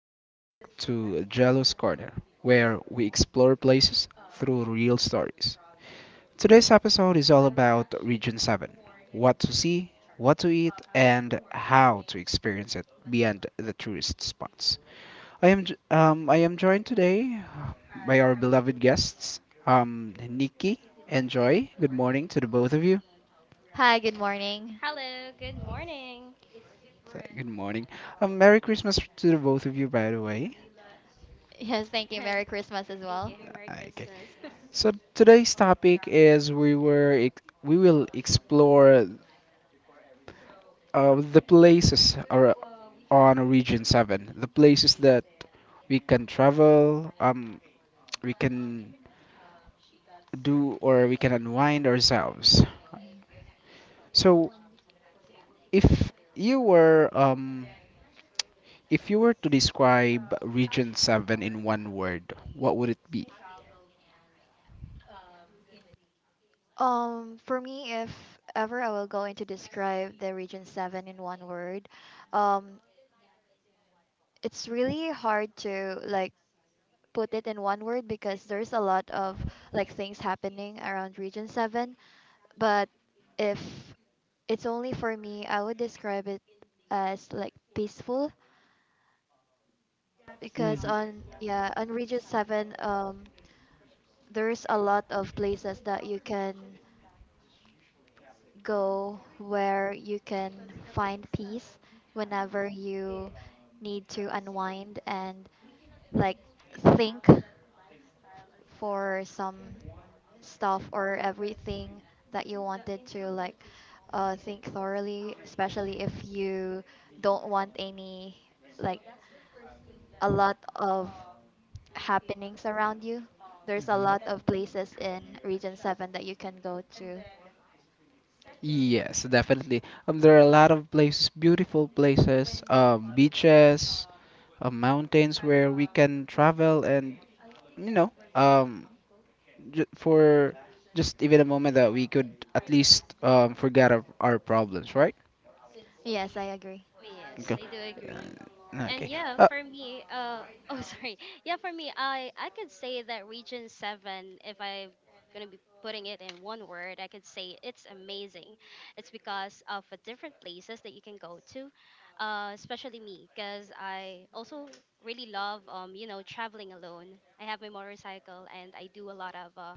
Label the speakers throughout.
Speaker 1: Welcome back to Jealous Corner, where we explore places through real stories. Today's episode is all about Region 7 what to see, what to eat, and how to experience it beyond the tourist spots. I am joined today by our beloved guests, Nikki and Joy. Good morning to the both of you.
Speaker 2: Hi, good morning.
Speaker 3: Hello, good morning.
Speaker 1: Good morning. Merry Christmas to the both of you, by the way.
Speaker 2: Yes, thank you. Merry Christmas as
Speaker 3: Thank you.
Speaker 2: well.
Speaker 3: Merry
Speaker 1: Okay.
Speaker 3: Christmas.
Speaker 1: So today's topic is we will explore the on Region Seven, the places that we can travel, we can do or we can unwind ourselves.
Speaker 2: Mhm.
Speaker 1: So if you were um, if you were to describe Region Seven in one word, what would it be?
Speaker 2: For me, if ever I will going to describe the Region 7 in one word, um, it's really hard to like put it in one word because there's a lot of like things happening around Region 7. But if it's only for me, I would describe it as like peaceful because
Speaker 1: Mhm.
Speaker 2: on Region 7, there's a lot of places that you can go where you can find peace whenever you need to unwind and like think for some stuff or everything that you wanted to like think thoroughly, especially if you don't want any like a lot of happenings around you. There's a lot of places in Region 7 that you can go to.
Speaker 1: Yes, definitely. There are a lot of places, beautiful places, beaches, mountains where we can travel and you know, j for just even a moment that we could at least forget our problems, right?
Speaker 2: Yes, I agree.
Speaker 3: yes,
Speaker 1: Okay.
Speaker 3: I do agree. And
Speaker 1: Okay.
Speaker 3: yeah,
Speaker 1: Uh,
Speaker 3: for me, oh, sorry. Yeah, for me, I could say that Region 7, if I'm going to be putting it in one word, I could say it's amazing. It's because of the different places that you can go to. Especially me, because I also really love traveling alone. I have my motorcycle and I do a lot of uh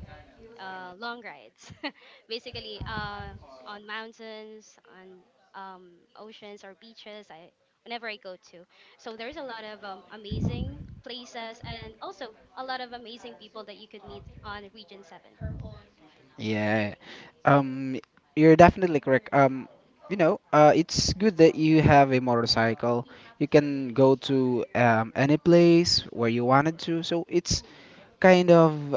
Speaker 3: uh, long rides, basically on mountains, on oceans or beaches. I whenever I go to, so there's a lot of amazing places, and also a lot of amazing people that you could meet on Region Seven.
Speaker 1: yeah. Um, you're definitely correct. You know, it's good that you have a motorcycle. You can go to any place where you wanted to. So it's kind of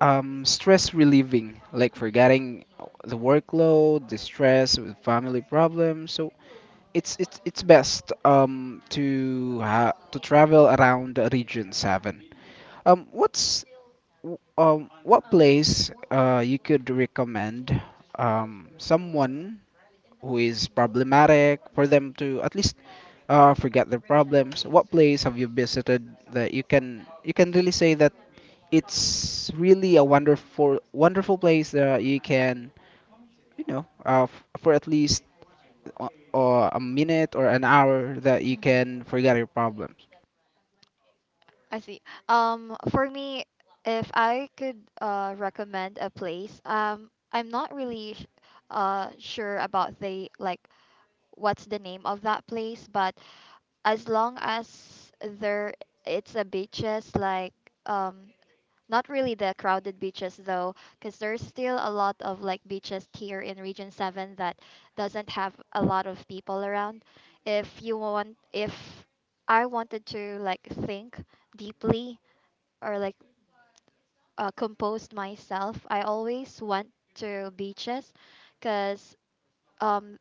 Speaker 1: stress relieving, like forgetting the workload, the stress, with family problems. So it's best to ha to travel around Region Seven. Um, what's what place you could recommend someone who is problematic for them to at least forget their problems? What place have you visited that you can really say that it's really a wonderful place that you can for at least a minute or an hour that you can
Speaker 2: Mm-hmm.
Speaker 1: forget your problems.
Speaker 2: I see. For me, if I could recommend a place, I'm not really sure about the like what's the name of that place, but as long as there it's a beaches like um not really the crowded beaches though, because there's still a lot of like beaches here in Region 7 that doesn't have a lot of people around. If I wanted to like think deeply or like composed myself. I always went to beaches because um,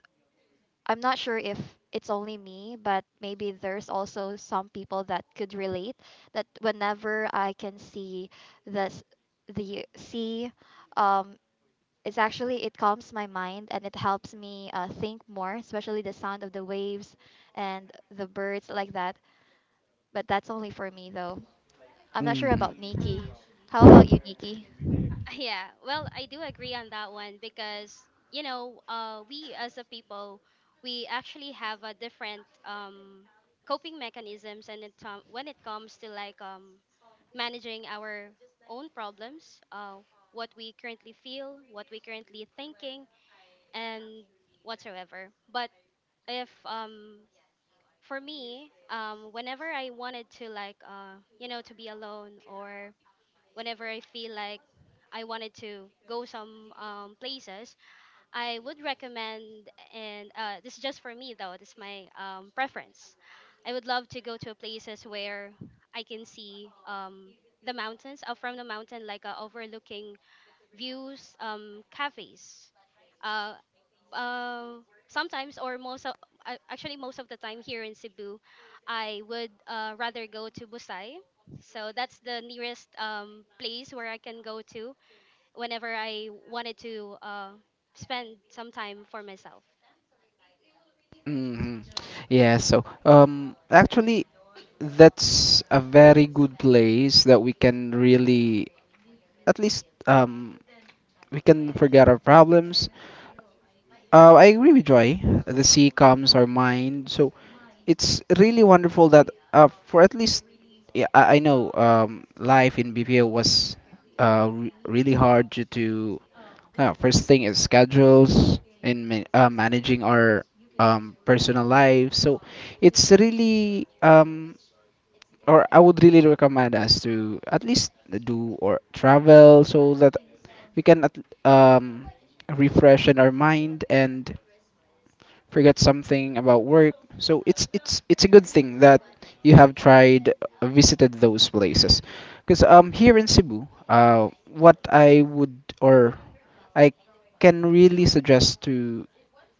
Speaker 2: I'm not sure if it's only me, but maybe there's also some people that could relate that whenever I can see this the sea, um, it calms my mind and it helps me think more, especially the sound of the waves and the birds like that, but that's only for me though. I'm not sure
Speaker 1: Hmm.
Speaker 2: about Nikki. How about you, Nikki?
Speaker 3: Yeah, well, I do agree on that one because, you know, we as a people, we actually have a different coping mechanisms, and it, when it comes to managing our own problems, what we currently feel, what we currently thinking, and whatsoever. But if for me, whenever I wanted to you know, to be alone, or whenever I feel like I wanted to go some places, I would recommend, and this is just for me though, this is my preference. I would love to go to places where I can see the mountains, from the mountain, like overlooking views, cafes. uh uh Sometimes, or most of actually most of the time here in Cebu, I would rather go to Busai, so that's the nearest place where I can go to whenever I wanted to spend some time for myself.
Speaker 1: Hmm. Yeah, so actually, that's a very good place that we can really, at least, we can forget our problems. I agree with Joy. The sea calms our mind, so it's really wonderful that for at least yeah, I know life in BPO was really hard due to first thing is schedules and managing our personal lives. So it's really or I would really recommend us to at least do or travel so that we can at- um refresh in our mind and forget something about work. So it's a good thing that you have tried visited those places because here in Cebu what I would or I can really suggest to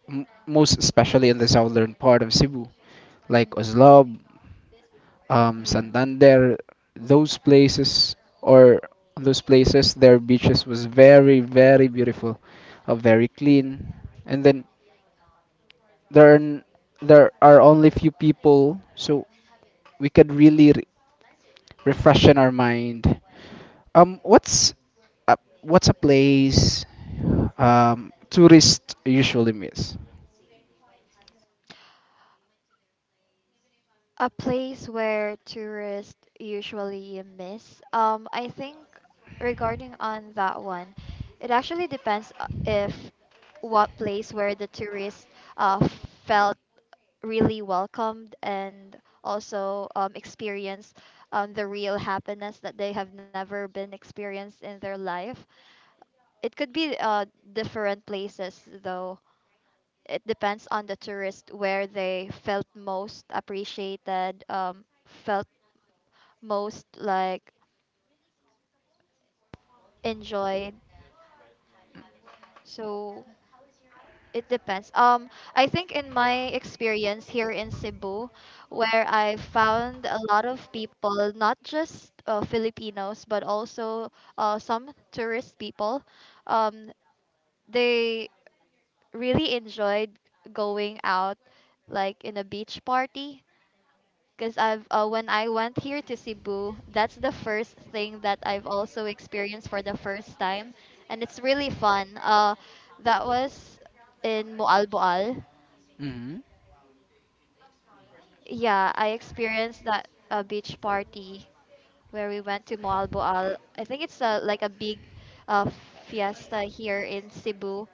Speaker 1: most especially in the southern part of Cebu like
Speaker 2: Mm.
Speaker 1: Oslob,
Speaker 2: Yeah.
Speaker 1: Santander, those places or those places, their beaches was very, very beautiful, very clean. And then there are, n- there are only few people, so we could really refreshen our mind. Um, what's what's a place tourists usually miss?
Speaker 2: A place where tourists usually miss. I think regarding on that one, it actually depends if what place where the tourist uh, felt really welcomed and also experienced the real happiness that they have never been experienced in their life. It could be different places though. It depends on the tourist where they felt most appreciated, felt most like enjoyed. So it depends. I think in my experience here in Cebu, where I found a lot of people, not just Filipinos, but also some tourist people, um, they really enjoyed going out like in a beach party. Because I've when I went here to Cebu, that's the first thing that I've also experienced for the first time, and it's really fun. That was in Moalboal.
Speaker 1: Mm-hmm.
Speaker 2: Yeah, I experienced that beach party where we went to Moalboal. I think it's like a big uh, fiesta here in Cebu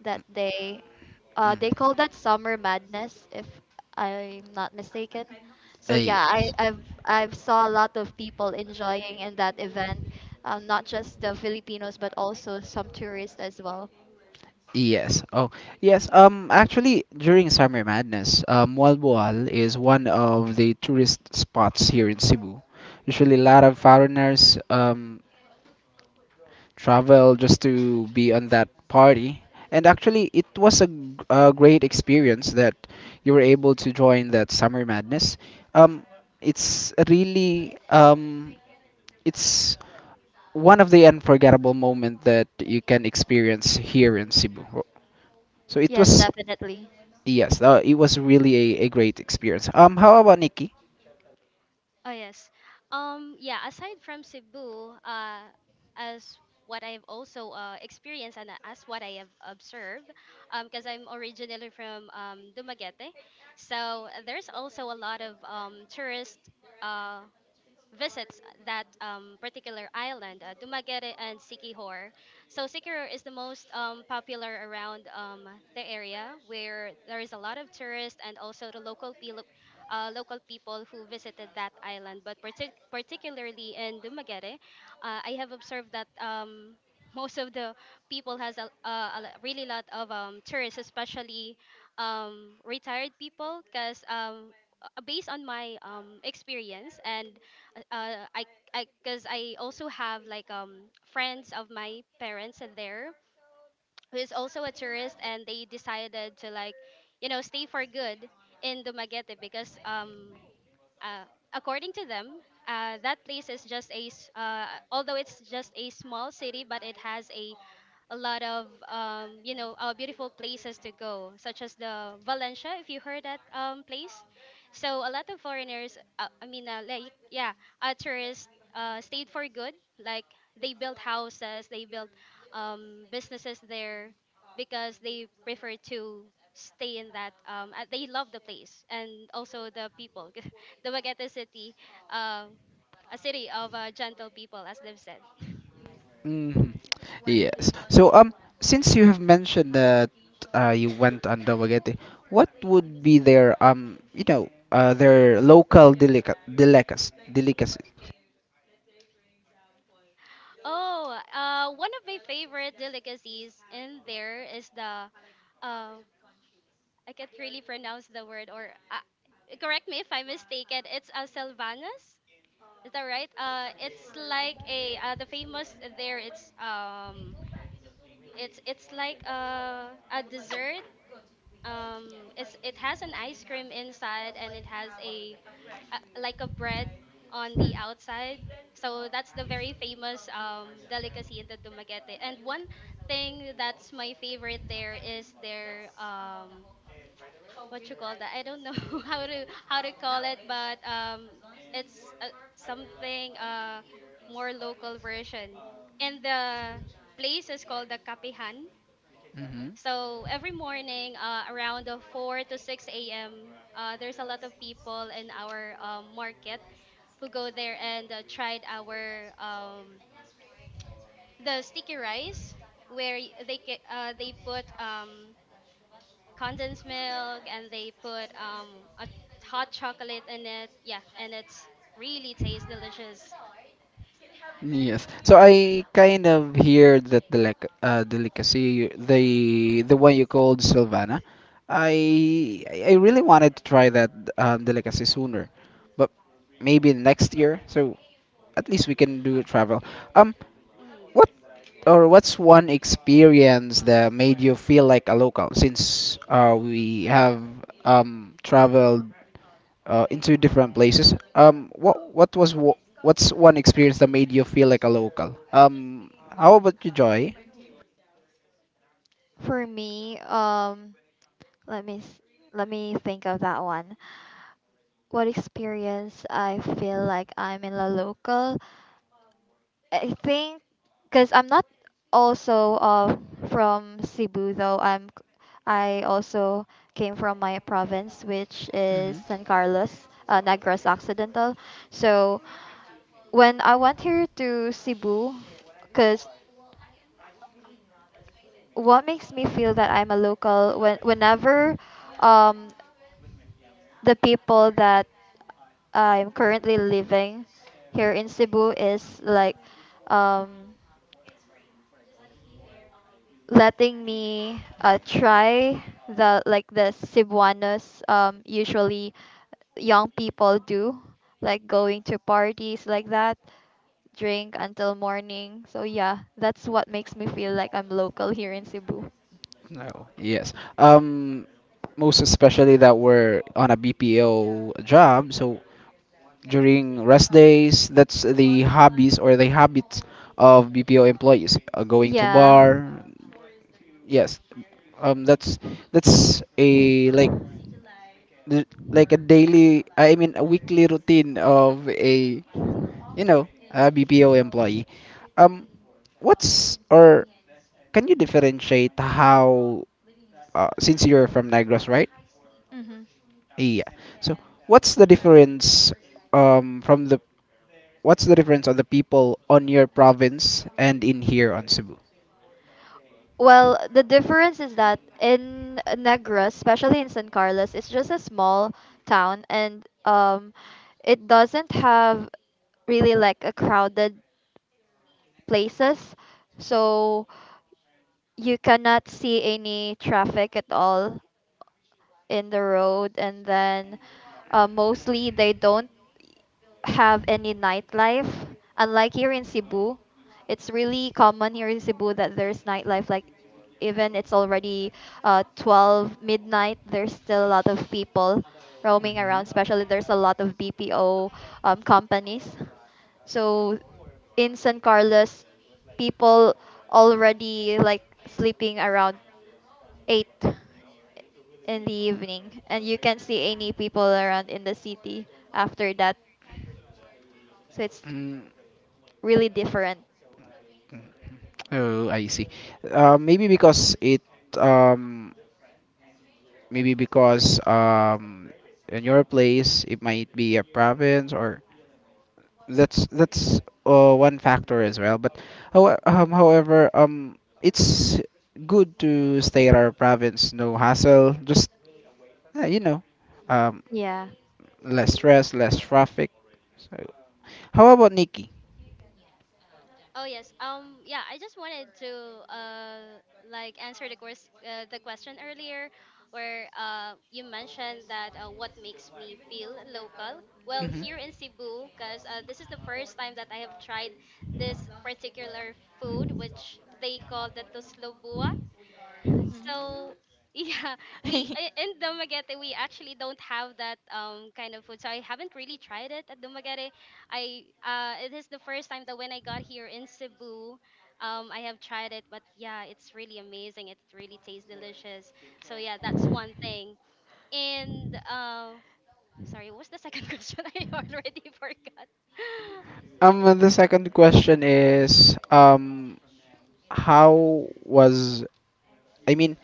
Speaker 2: that day.
Speaker 1: Mm.
Speaker 2: They call that Summer Madness, if I'm not mistaken.
Speaker 1: Ah,
Speaker 2: So, yeah, i
Speaker 1: yes.
Speaker 2: i've i've saw a lot of people enjoying in that event, not just the Filipinos but also some tourists as well.
Speaker 1: Yes. Oh, yes.
Speaker 3: Hmm.
Speaker 1: Actually, during Summer Madness, Walboal is one of the tourist spots here in Cebu. Usually, a lot of foreigners travel just to be on that party. And actually, it was a, a great experience that you were able to join that Summer Madness. Um, it's really um, it's one of the unforgettable moment that you can experience here in Cebu. So it
Speaker 2: Yes,
Speaker 1: was
Speaker 2: definitely.
Speaker 1: yes, it was really a great experience. How about Nikki?
Speaker 3: Oh, yes. Yeah, aside from Cebu, as what I've also experienced and as what I have observed, because I'm originally from Dumaguete, so there's also a lot of tourist uh, visits that particular island, Dumaguete and Siquijor. So Siquijor is the most popular around the area, where there is a lot of tourists and also the local people who visited that island. But particularly in Dumaguete, I have observed that most of the people has a really lot of tourists, especially retired people, because based on my experience, and uh, I I because I also have like friends of my parents in there who is also a tourist, and they decided to like, you know, stay for good in Dumaguete because uh, according to them, that place is just although it's just a small city, but it has a lot of, beautiful places to go, such as the Valencia, if you heard that place. So a lot of foreigners, I mean, yeah, tourists stayed for good. Like, they built houses, they built businesses there, because they prefer to stay in that they love the place and also the people. Dumaguete City, um, a city of gentle people, as they've said.
Speaker 1: Hmm. Yes. So, since you have mentioned that you went on Dumaguete, what would be their you know, their local delicacies?
Speaker 3: Oh, one of my favorite delicacies in there is uh, I can't really pronounce the word, or correct me if I'm mistaken. It's a Sylvanas. Is that right? It's like a the famous there. It's like a dessert, it's it has an ice cream inside, and it has a like a bread on the outside. So that's the very famous delicacy in the Dumaguete. And one thing that's my favorite there is their what you call that, I don't know how to call it, but it's something more local version, and the place is called the Kapihan.
Speaker 1: Mm-hmm.
Speaker 3: So every morning, around the 4 to 6 a.m., there's a lot of people in our market who go there and tried our the sticky rice, where they put condensed milk, and they put a hot chocolate in it. Yeah, and it's really tastes delicious.
Speaker 1: Yes. So I kind of hear that the like delicacy the one you called Silvana. I really wanted to try that delicacy sooner, but maybe next year. So at least we can do travel. Um, what
Speaker 3: Mm-hmm.
Speaker 1: what's one experience that made you feel like a local since we have traveled into different places. What's one experience that made you feel like a local? How about you, Joy?
Speaker 2: For me, let me s- let me think of that one. What experience I feel like I'm in La Local? I think because I'm not also from Cebu though I also came from my province which is
Speaker 1: Hmm.
Speaker 2: San Carlos, Negros Occidental. So when I went here to Cebu, because what makes me feel that I'm a local whenever um, the people that I'm currently living here in Cebu is like um letting me try the like the Cebuanos usually young people do, like going to parties like that, drink until morning. So, yeah, that's what makes me feel like I'm local here in Cebu.
Speaker 1: No. Yes. Um, most especially that we're on a BPO job, so during rest days, that's the hobbies or the habits of BPO employees. Going to
Speaker 2: Yeah.
Speaker 1: bar. Yes. Um, that's that's a like th- like a daily. I mean, a weekly routine of a you know, a BPO employee. Um, what's or can you differentiate how? Since you're from Negros, right?
Speaker 2: Mm-hmm.
Speaker 1: Yeah. So what's the difference? From the what's the difference on the people on your province and in here on Cebu?
Speaker 2: Well, the difference is that in Negros, especially in San Carlos, it's just a small town and it doesn't have really like a crowded places. So you cannot see any traffic at all in the road, and then mostly they don't have any nightlife. Unlike here in Cebu, it's really common here in Cebu that there's nightlife. Like even it's already 12 midnight, there's still a lot of people roaming around.
Speaker 1: Hmm.
Speaker 2: Especially there's a lot of BPO companies. So in San Carlos, people already like sleeping around 8 in the evening, and you can't see any people around in the city after that, so it's
Speaker 1: Mm.
Speaker 2: really different.
Speaker 1: Oh, I see. Uh, maybe because it, um, maybe because in your place it might be a province or that's one factor as well. But however, it's good to stay at our province. No hassle. Just you know, um,
Speaker 2: Yeah.
Speaker 1: less stress, less traffic. So, how about Nikki?
Speaker 3: Oh, yes. Yeah, I just wanted to uh answer the course the question earlier, where you mentioned that, what makes me feel local. Well,
Speaker 1: Mhm.
Speaker 3: here in Cebu, because this is the first time that I have tried this particular food, which they call the toslobua. So
Speaker 2: Mm.
Speaker 3: yeah, we in Dumaguete, we actually don't have that kind of food. So I haven't really tried it at Dumaguete. I It is the first time that when I got here in Cebu, I have tried it, but yeah, it's really amazing. It really tastes delicious. So yeah, that's one thing. And sorry, what was the second question? I already forgot.
Speaker 1: The second question is how was I mean,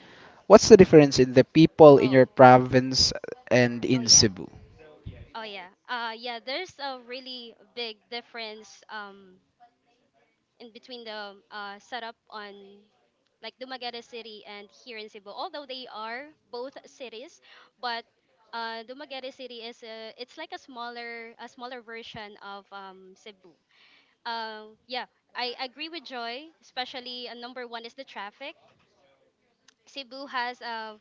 Speaker 1: what's the difference in the people in
Speaker 3: Oh,
Speaker 1: your province and
Speaker 3: oh
Speaker 1: in
Speaker 3: yeah.
Speaker 1: Cebu?
Speaker 3: Oh yeah, there's a really big difference in between the setup on like Dumaguete City and here in Cebu. Although they are both cities, but Dumaguete City is it's like a smaller version of Cebu. Yeah, I agree with Joy. Especially number one is the traffic. Cebu has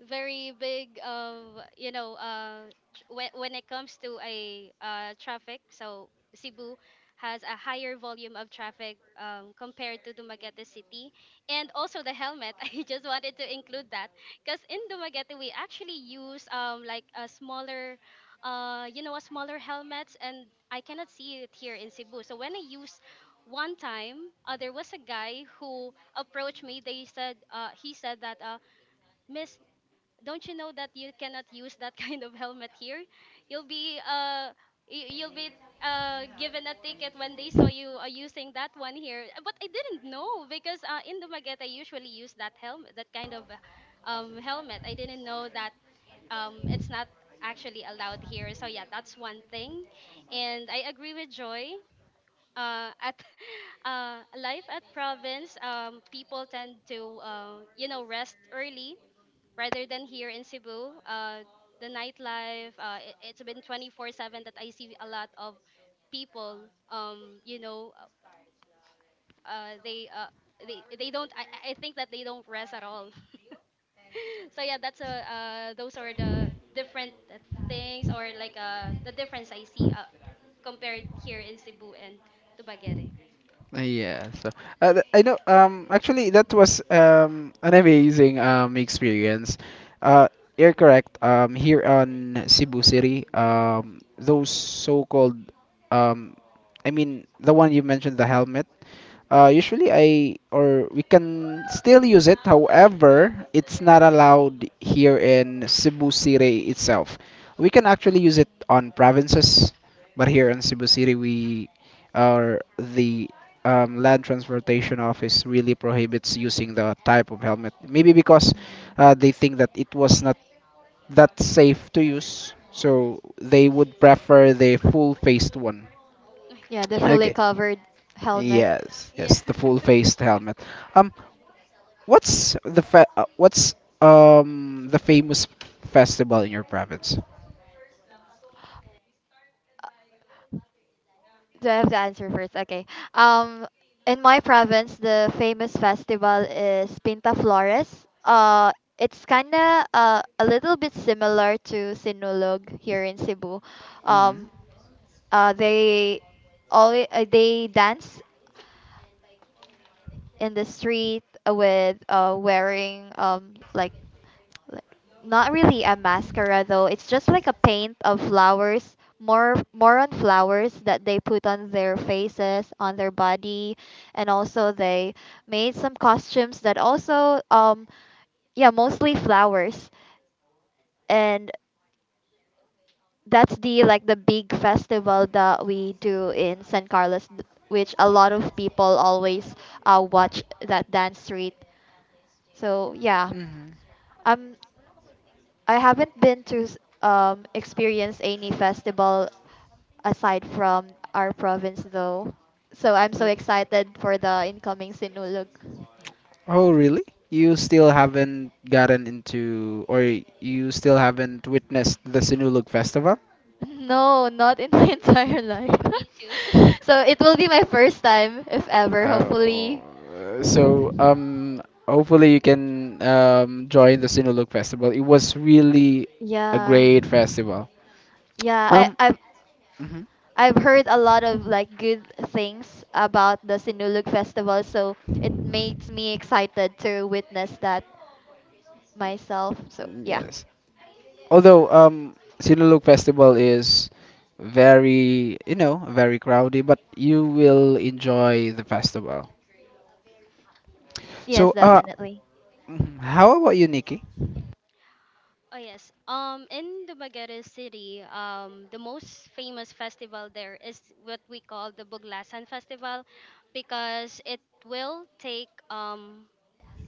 Speaker 3: very big of, you know, when it comes to a traffic. So Cebu has a higher volume of traffic compared to Dumaguete City. And also the helmet. I just wanted to include that because in Dumaguete, we actually use like a smaller you know a smaller helmets, and I cannot see it here in Cebu. So when I use one time, there was a guy who approached me. They said He said that, miss, don't you know that you cannot use that kind of helmet here? You'll be you'll be given a ticket when they saw you using that one here. But I didn't know, because in Dumaguete, I usually use that helmet, that kind of helmet. I didn't know that it's not actually allowed here. So yeah, that's one thing. And I agree with Joy. At life at province, people tend to you know, rest early, rather than here in Cebu. The nightlife, it's been 24/7 that I see a lot of people. Uh, they uh, they don't. I think that they don't rest at all. so yeah, that's a those are the different things, or like the difference I see, compared here in Cebu and Tubaguere.
Speaker 1: Yeah, so I know. Actually, that was an amazing experience. You're correct. Here on Cebu City, those so-called um, the one you mentioned, the helmet. Usually I or we can still use it. However, it's not allowed here in Cebu City itself. We can actually use it on provinces, but here in Cebu City we or the land transportation office really prohibits using the type of helmet. Maybe because
Speaker 3: Mm.
Speaker 1: they think that it was not that safe to use, so they would
Speaker 3: Mm.
Speaker 1: prefer the full faced one.
Speaker 2: Yeah, the
Speaker 3: Yeah,
Speaker 2: fully
Speaker 1: Okay.
Speaker 2: covered helmet.
Speaker 1: Yes,
Speaker 3: yeah,
Speaker 1: yes, the full faced helmet. Um, what's the famous festival in your province?
Speaker 2: Do I have to answer first? Okay. Um, in my province, the famous festival is Pinta Flores. It's kind of a little bit similar to Sinulog here in Cebu.
Speaker 1: Mm-hmm.
Speaker 2: Um, uh, they they dance in the street, with wearing like not really a mascara though. It's just like a paint of flowers, more on flowers that they put on their faces, on their body, and also they made some costumes that also yeah, mostly flowers. And that's the big festival that we do in San Carlos, which a lot of people always watch that dance street. So, yeah,
Speaker 1: Mm-hmm.
Speaker 2: um I haven't been to experience any festival aside from our province though. So I'm so excited for the incoming Sinulog.
Speaker 1: Oh, really? You still haven't gotten into, or you still haven't witnessed the Sinulog Festival?
Speaker 2: No, not in my entire life.
Speaker 3: me too.
Speaker 2: So it will be my first time if ever, hopefully.
Speaker 1: So, hopefully you can join the Sinulog Festival. It was really a
Speaker 2: Yeah.
Speaker 1: great festival.
Speaker 2: Yeah, I
Speaker 1: Um,
Speaker 2: I've
Speaker 1: mhm,
Speaker 2: I've heard a lot of like good things about the Sinulog festival, so it makes me excited to witness that myself. So, yeah.
Speaker 1: yes. Although, Sinulog Festival is very, you know, very crowded, but you will enjoy the festival.
Speaker 2: Yes,
Speaker 1: So,
Speaker 2: definitely.
Speaker 1: mhm, how about you, Nikki?
Speaker 3: Oh, yes. In Dumaguete City, the most famous festival there is what we call the Buglasan Festival, because it will take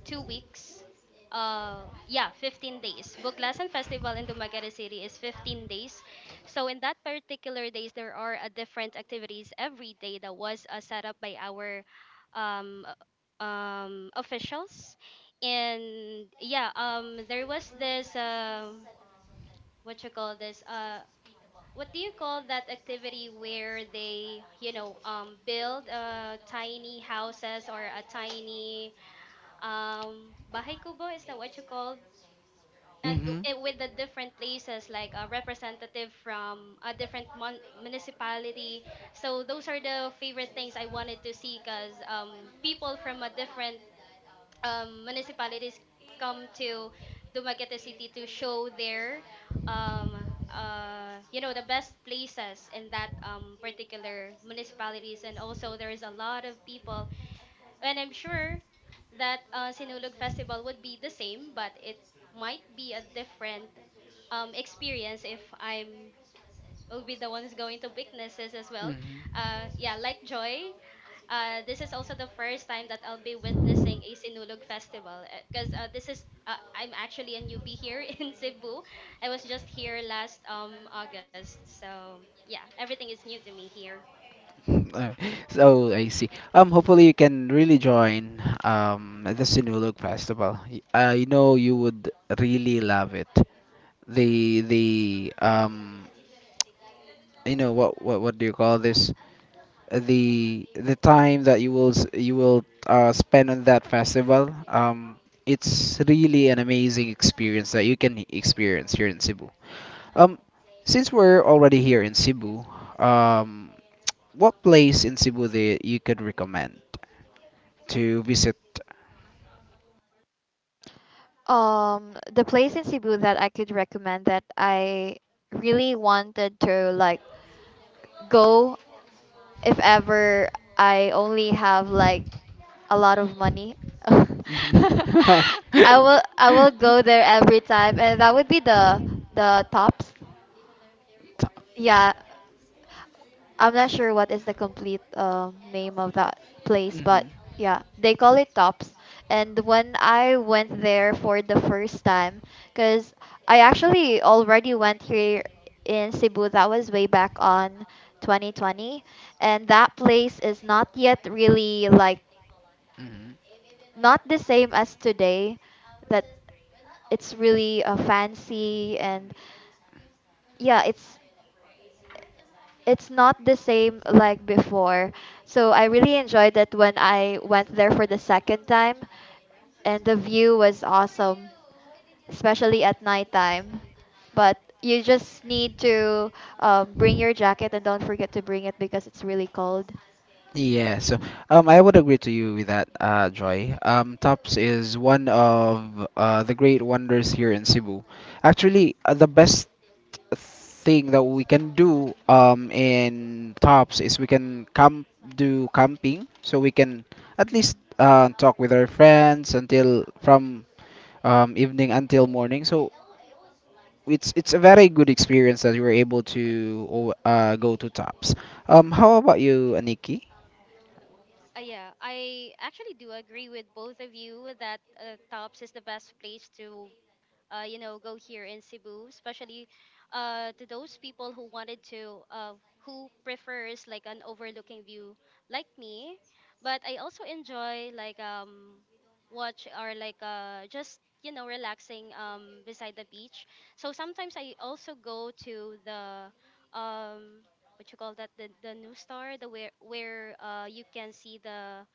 Speaker 3: 2 weeks. Yeah, 15 days. Buglasan Festival in Dumaguete City is 15 days. So in that particular days, there are a different activities every day that was set up by our um uh, officials. And yeah, there was this, what you call this uh what do you call that activity where they, you know, build tiny houses, or a tiny bahay kubo, is that what you called? And
Speaker 1: Mm-hmm.
Speaker 3: with the different places, like a representative from a different municipality. So those are the favorite things I wanted to see, because people from a different municipalities come to Dumaguete City to show their um you know, the best places in that particular municipalities. And also there's a lot of people, and I'm sure that, Sinulog Festival would be the same, but it might be a different experience if I'm will be the one who's going to witnesses as well.
Speaker 1: Mm-hmm.
Speaker 3: Yeah, like Joy, this is also the first time that I'll be witnessing a Sinulog festival, because this is I'm actually a newbie here in Cebu. I was just here last August, so yeah, everything is new to me here.
Speaker 1: Uh, so I see. Hopefully you can really join the Sinulog Festival. I know you would really love it. The You know what do you call this? The time that you will spend on that festival, it's really an amazing experience that you can experience here in Cebu, um since we're already here in Cebu, um what place in Cebu that you could recommend to visit?
Speaker 2: The place in Cebu that I could recommend that I really wanted to like go, if ever I only have like a lot of money. I will go there every time, and that would be the tops. Yeah, I'm not sure what is the complete name of that place, but
Speaker 1: Hmm.
Speaker 2: yeah, they call it Tops. And when I went there for the first time, because I actually already went here in Cebu, that was way back on 2020, and that place is not yet really like
Speaker 1: Mhm.
Speaker 2: not the same as today. That it's really fancy, and yeah, it's not the same like before. So I really enjoyed it when I went there for the second time, and the view was awesome, especially at nighttime. But you just need to bring your jacket and don't forget to bring it because it's really cold.
Speaker 1: Yeah, so I would agree to you with that, Joy. Tops is one of the great wonders here in Cebu. Actually, the best thing that we can do in tops is we can camp do camping so we can at least
Speaker 2: Mm.
Speaker 1: talk with our friends until from evening until morning, so it's a very good experience that you were able to go to tops. How about you aniki?
Speaker 3: Yeah, I actually do agree with both of you that, Tops is the best place to you know, go here in Cebu, especially to those people who wanted to, who prefers like an overlooking view, like me. But I also enjoy like, watch, or like just you know, relaxing beside the beach. So sometimes I also go to the um, what you call that, the new star, the where you can see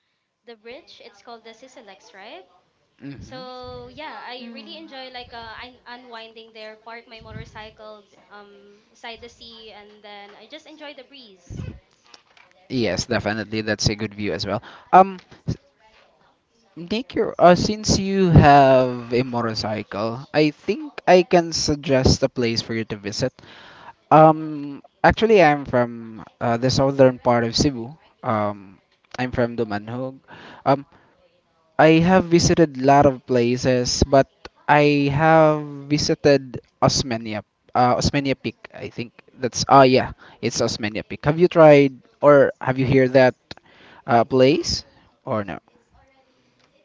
Speaker 3: the bridge. It's called the Sisilex, right?
Speaker 1: Hmm.
Speaker 3: So yeah, I really
Speaker 2: Mm.
Speaker 3: enjoy like unwinding there, park my motorcycle beside the sea, and then I just enjoy the breeze.
Speaker 1: Yes, definitely. That's a good view as well. Um, s- Nick, you're, since you have a motorcycle, I think I can suggest a place for you to visit. Actually, I'm from the southern part of Cebu. Um, I'm from Dumanhog. Um, I have visited a lot of places, but I have visited Osmania, Osmania Peak. I think that's ah yeah, it's Osmania Peak. Have you tried or have you heard that place or no?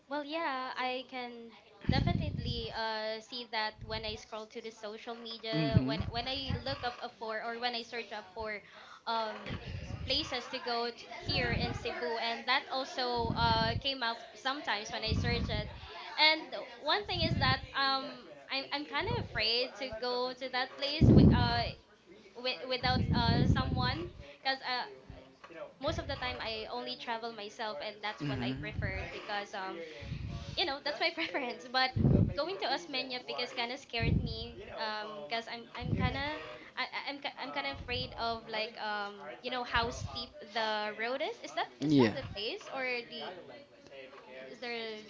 Speaker 3: Well, yeah, I can definitely see that when I scroll to the social media,
Speaker 1: Hmm.
Speaker 3: when I look up a for or when I search up for um, places to go to here in Cebu, and that also came up sometimes when I search it. And one thing is that I'm kind of afraid to go to that place without someone because most of the time I only travel myself, and that's what I preferred because you know that's my preference but going to Osmeña because kind of scared me because I'm kind of I'm kind of afraid of like you know how steep the road is that, is that the place, or the, is there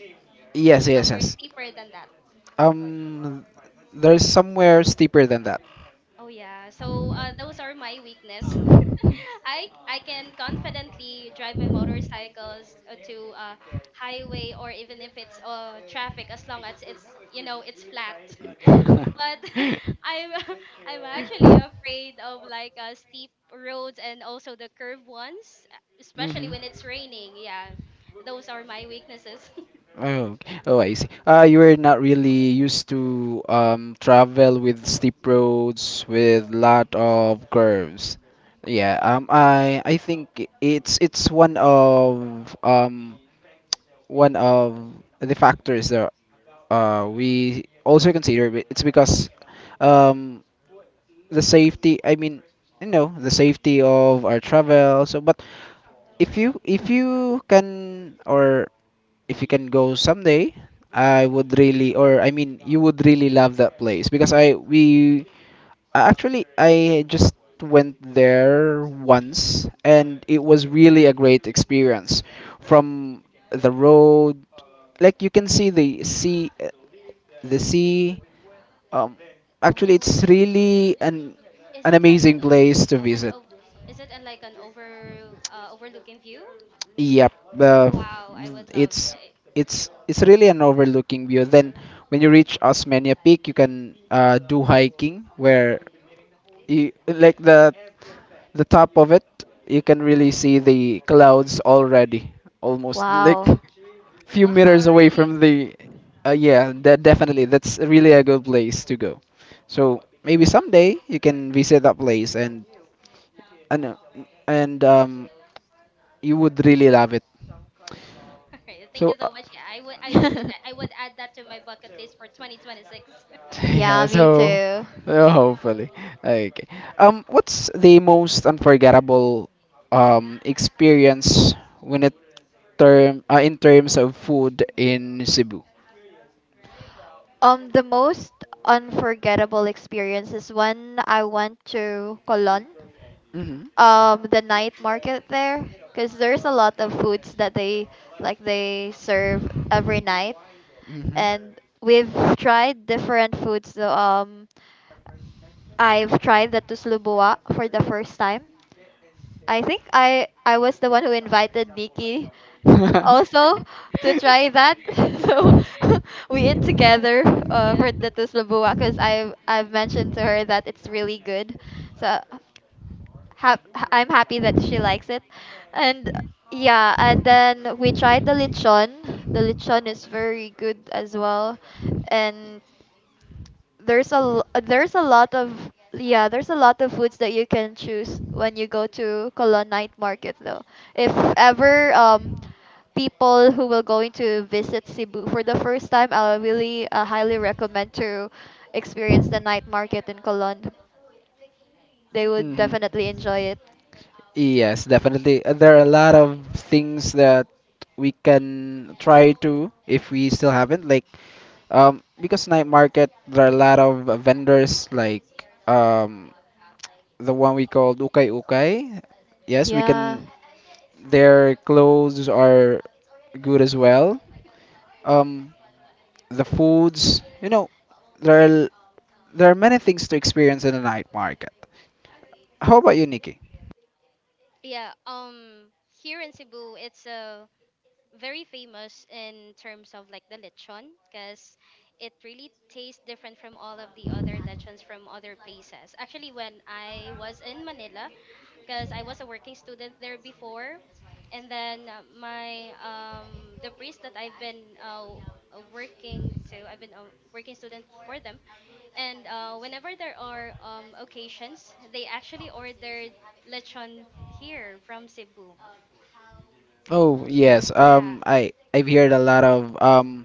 Speaker 3: s-
Speaker 1: Yes, yes,
Speaker 3: somewhere
Speaker 1: yes.
Speaker 3: steeper than that?
Speaker 1: Um, there's somewhere steeper than that.
Speaker 3: Oh yeah, so those are my weakness. I can confidently drive my motorcycles to a highway or even if it's traffic as long as it's, you know, it's flat. But I'm I'm actually afraid of like steep roads and also the curved ones, especially
Speaker 1: Mhm.
Speaker 3: when it's raining. Yeah, those are my weaknesses.
Speaker 1: Oh, oh, I see. You were not really used to travel with steep roads with lot of curves. Yeah,
Speaker 3: Mm, yeah.
Speaker 1: I think it's one of the factors that we also consider. But it's because um the safety. I mean, you know, the safety of our travel. So, but if you can or if you can go someday, I would really or I mean, you would really love that place because I we actually, I just went there once and it was really a great experience. From the road, like you can see the sea. Um, actually,
Speaker 3: Oh,
Speaker 1: it's really
Speaker 3: is
Speaker 1: an
Speaker 3: it like
Speaker 1: amazing place to
Speaker 3: an
Speaker 1: visit.
Speaker 3: o- is it a, like an over overlooking view?
Speaker 1: Yep,
Speaker 3: Oh
Speaker 1: uh,
Speaker 3: wow, I would love.
Speaker 1: it's
Speaker 3: I,
Speaker 1: it's it's really an overlooking view. Then when you reach Osmania Peak, you can do hiking where you like the top of it you can really see
Speaker 3: oh.
Speaker 1: the clouds already almost like
Speaker 2: Wow.
Speaker 1: few
Speaker 3: Wow,
Speaker 1: meters away
Speaker 3: really?
Speaker 1: from the yeah, that definitely that's really a good place to go, so maybe someday you can visit that place and, uh, and you would really love it.
Speaker 3: All right, thank
Speaker 1: so,
Speaker 3: you
Speaker 1: uh,
Speaker 3: so much. Yeah, I would, I would do that. I would add that to my bucket list for 2026.
Speaker 2: Yeah,
Speaker 1: yeah,
Speaker 2: me
Speaker 1: so
Speaker 2: too.
Speaker 1: hopefully. Okay. What's the most unforgettable experience when it term in terms of food in Cebu?
Speaker 2: The most unforgettable experience is when I went to Colon.
Speaker 1: Mm-hmm.
Speaker 2: The night market there, because there's a lot of foods that they serve every night,
Speaker 1: Mm-hmm.
Speaker 2: and we've tried different foods. So, I've tried the tuslubuwa for the first time. I think I was the one who invited Nikki also to try that so we ate
Speaker 1: Yeah.
Speaker 3: We both-
Speaker 2: together,
Speaker 3: yeah.
Speaker 2: for the tuslubuwa, because I've mentioned to her that it's really good, so I'm happy that she likes it. And yeah, and then we tried the lechon. The lechon is very good as well. And there's a l- there's a lot of yeah, there's a lot of foods that you can choose when you go to Colon Night Market though. If ever people who will going to visit Cebu for the first time, I really highly recommend to experience the night market in Colon. They
Speaker 3: Mhm.
Speaker 2: would
Speaker 1: Mhm.
Speaker 2: definitely enjoy it.
Speaker 1: Yes, definitely. There are a lot of things that we can try to if we still haven't. Because night market, there are a lot of vendors like um, the one we called Ukay Ukay. Yes, we
Speaker 2: Yeah.
Speaker 1: can. Their clothes are good as well. Um, the foods, there are there are many things to experience in the night market. How about you, Nikki?
Speaker 3: Yeah, here in Cebu it's very famous in terms of like the lechon because it really tastes different from all of the other lechons from other places. Actually, when I was in Manila, because I was a working student there before. And then my the priest that I've been working to, I've been a working student for them. And whenever there are occasions, they actually ordered lechon here from Cebu.
Speaker 1: Oh yes,
Speaker 3: Yeah.
Speaker 1: I've heard a lot of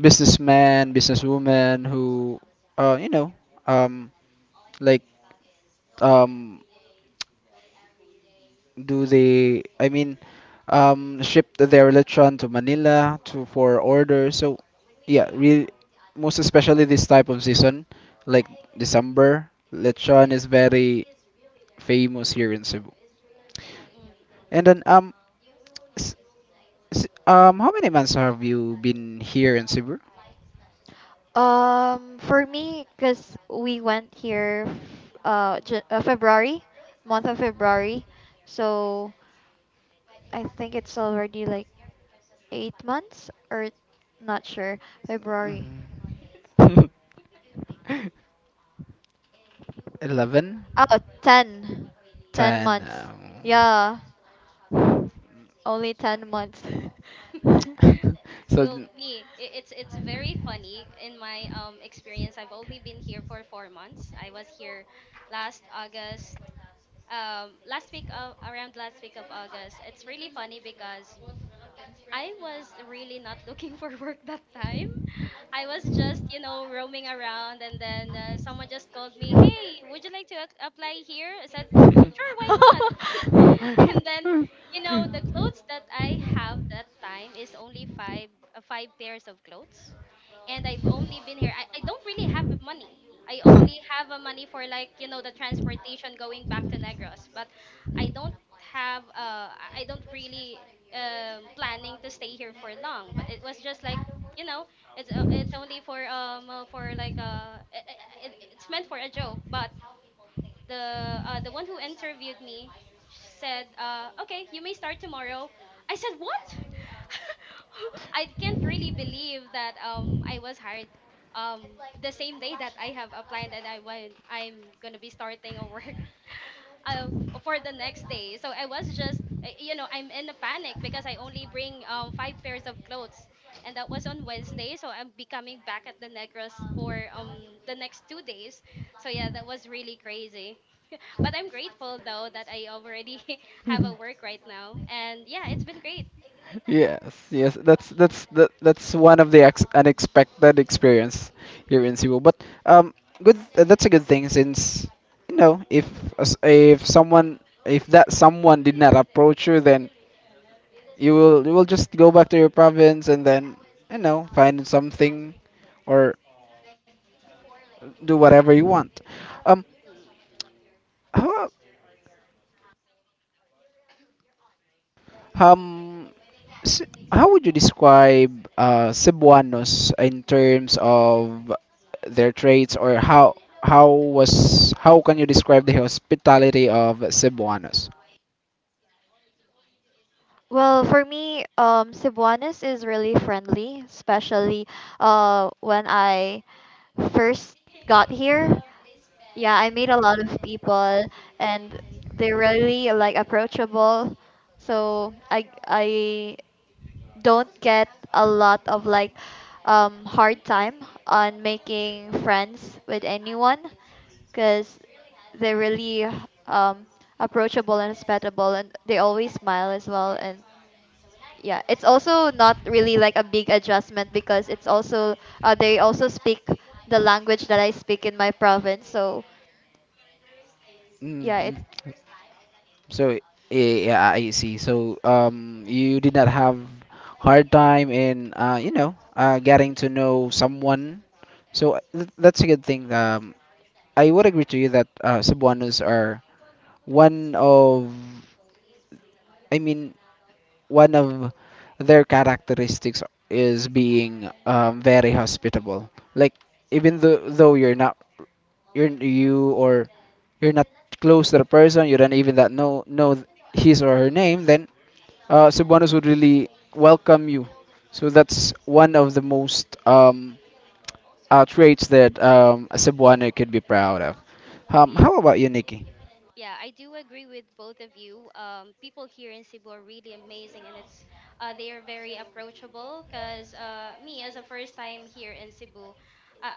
Speaker 1: businessmen, businesswomen who, you know, um, like um do they ship their electron to Manila to for order. So yeah, really,
Speaker 3: Mm,
Speaker 1: most especially this type of season, like December
Speaker 3: yeah.
Speaker 1: lechon is very famous here in Cebu.
Speaker 3: Hmm.
Speaker 1: And then um s- s- um how many months have you been here in Cebu?
Speaker 2: For me, cause we went here, February, month of February, so I think it's already like 8 months or not sure. February.
Speaker 1: Mhm. 11.
Speaker 2: Oh, 10. Ten
Speaker 1: Ten.
Speaker 2: months. Yeah, only 10 months.
Speaker 1: Um, so
Speaker 3: Well, me, I- it's very funny. In my experience, I've only been here for 4 months. I was here last August, last week of around last week of August. It's really funny because I was really not looking for work that time. I was just, you know, roaming around, and then someone just called me. Hey, would you like to ac- apply here? I said, sure, why not? And then, you know, the clothes that I have that time is only five five pairs of clothes, and I've only been here. I don't really have the money. I only have a money for like, you know, the transportation going back to Negros, but I don't have uh, I don't really planning to stay here for long, but it was just like, you know, it's only for like it's meant for a joke, but the one who interviewed me said, "Okay, you may start tomorrow." I said, "What?" I can't really believe that I was hired the same day that I have applied, and I went I'm gonna be starting a work uh, for the next day. So I was just you know I'm in a panic because I only bring five pairs of clothes, and that was on Wednesday. So I'm be coming back at the Negros for the next 2 days. So yeah, that was really crazy. But I'm grateful though that I already have a work right now, and yeah, it's been great.
Speaker 1: Yes, yes, that's one of the unexpected experience here in Cebu. But um, good, that's a good thing since you know if someone if that someone did not approach you, then you will just go back to your province and then you know find something or do whatever you want. Um,
Speaker 3: Mm.
Speaker 1: how um s- how would you describe Cebuanos in terms of their traits, or how can you describe the hospitality of Cebuanos?
Speaker 2: Well, for me, Cebuanos is really friendly, especially when I first got here. Yeah, I meet a lot of people, and they're really like approachable. So I don't get a lot of like hard time on making friends with anyone because they're really um approachable and hospitable, and they always smile as well. And yeah, it's also not really like a big adjustment because it's also they also speak the language that I speak in my province, so yeah,
Speaker 1: hmm
Speaker 2: it's—
Speaker 1: So yeah, I see. So you did not have hard time in getting to know someone. So th that's a good thing. I would agree to you that Cebuanos are one of, I mean, one of their characteristics is being very hospitable. Like even though you're you or you're not close to the person, you don't even that know th- his or her name, then Cebuanos would really welcome you. So that's one of the most traits that a Cebuano could be proud of.
Speaker 3: Yeah,
Speaker 1: How about you, Nikki?
Speaker 3: yeah, I do agree with both of you. People here in Cebu are really amazing, and it's they are very approachable. Cause me as a first time here in Cebu, uh,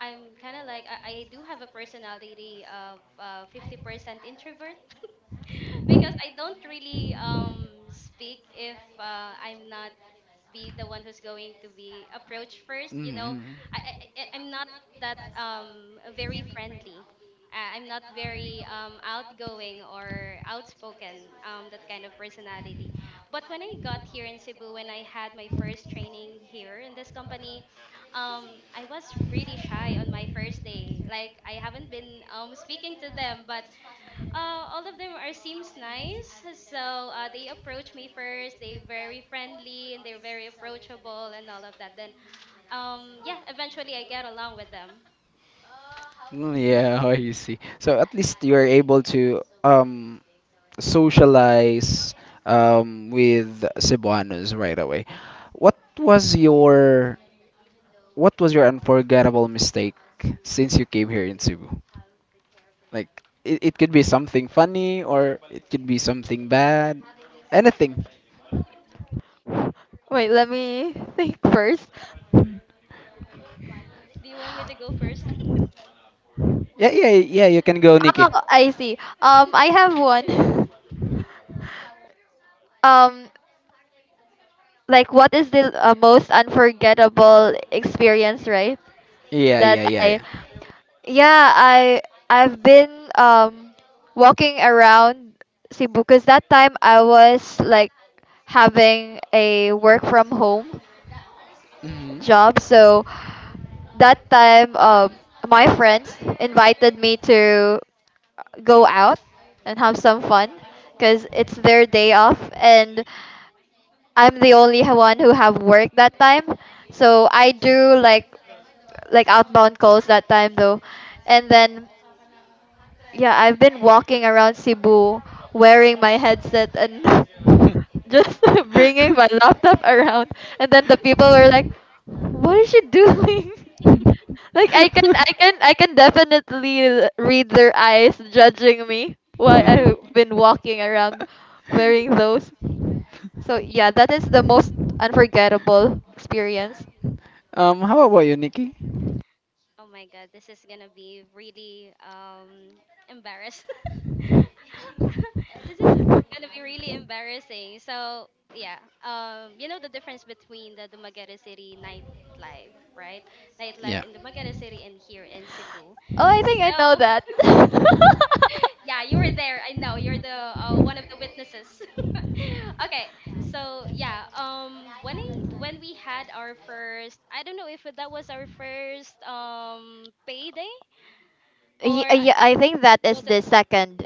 Speaker 3: I'm kind of like I do have a personality of 50% introvert because I don't really speak if I'm not be the one who's going to be approached first. You know, I, I I- I'm not that very friendly. I- I'm not very outgoing or outspoken that kind of personality. But when I got here in Cebu, when I had my first training here in this company, I was really shy on my first day. Like I haven't been speaking to them, but all of them are seems nice. So they approach me first. They very friendly and they're very approachable and all of that. Then yeah, eventually I get along with them.
Speaker 1: Mm, yeah, how you see. So at least you're able to socialize with Cebuanos right away. What was your what was your unforgettable mistake since you came here in Cebu? Like it could be something funny or it could be something bad. Anything.
Speaker 2: Wait, let me think first.
Speaker 3: Do you want me to go first?
Speaker 1: Yeah, yeah, yeah, you can go, Nikki.
Speaker 2: Oh, I see. I have one.
Speaker 3: Yeah.
Speaker 2: um, like what is the most unforgettable experience, right?
Speaker 1: Yeah,
Speaker 2: That
Speaker 1: yeah, yeah,
Speaker 2: I
Speaker 1: yeah.
Speaker 2: yeah, I I've been walking around Cebu because that time I was like having a work from home job, so that time my friends invited me to go out and have some fun because it's their day off, and I'm the only one who have work that time. So I do like outbound calls that time though. And then, yeah, I've been walking around Cebu wearing my headset and
Speaker 1: Hmm.
Speaker 2: just bringing my laptop around, and then the people were like, "What is she doing?" Like I can definitely read their eyes judging me why I've been walking around wearing those. So, yeah, that is the most unforgettable experience.
Speaker 1: How about you, Nikki?
Speaker 3: Oh my god, this is gonna be really embarrassed. This is are gonna be really embarrassing. So yeah, you know the difference between the Dumaguete City nightlife, right? Nightlife
Speaker 1: Yeah.
Speaker 3: in Dumaguete City and here in Cebu.
Speaker 2: Oh, I think I know
Speaker 3: So
Speaker 2: that.
Speaker 3: yeah, you were there. I know you're the one of the witnesses. Okay, so yeah, when we had our first, I don't know if that was our first payday, or
Speaker 2: Yeah, yeah, I
Speaker 3: I-
Speaker 2: think that is
Speaker 3: was it
Speaker 2: the second.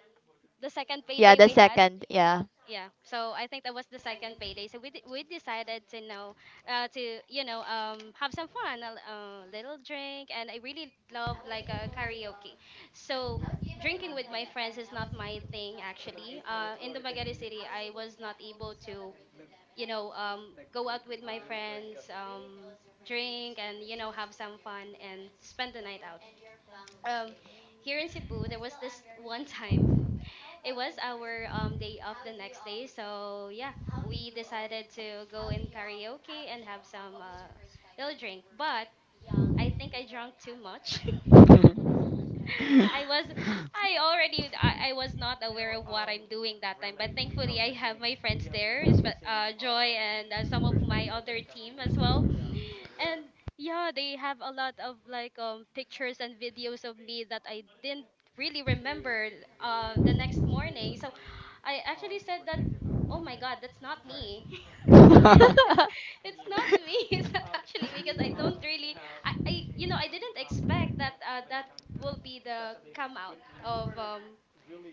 Speaker 3: the second
Speaker 2: Yeah,
Speaker 3: payday
Speaker 2: the
Speaker 3: we had?
Speaker 2: second. Yeah.
Speaker 3: Yeah, so I think that was the second payday, so we decided to know to you know have some fun a l- little drink, and I really love like karaoke. So drinking with my friends is not my thing actually in Dumaguete city I was not able to, you know, go out with my friends drink and, you know, have some fun and spend the night out um here in Cebu, there was this one time. It was our day off the next day, so yeah, we decided to go in karaoke and have some little drink. But I think I drank too much. I was, I already, I was not aware of what I'm doing that time. But thankfully, I have my friends there, espe- Joy and some of my other team as well. And yeah, they have a lot of like pictures and videos of me that I didn't really remember the next morning. So I actually said that, oh my God, that's not me. It's not me. It's not actually me because I don't really I you know I didn't expect that that will be the come out of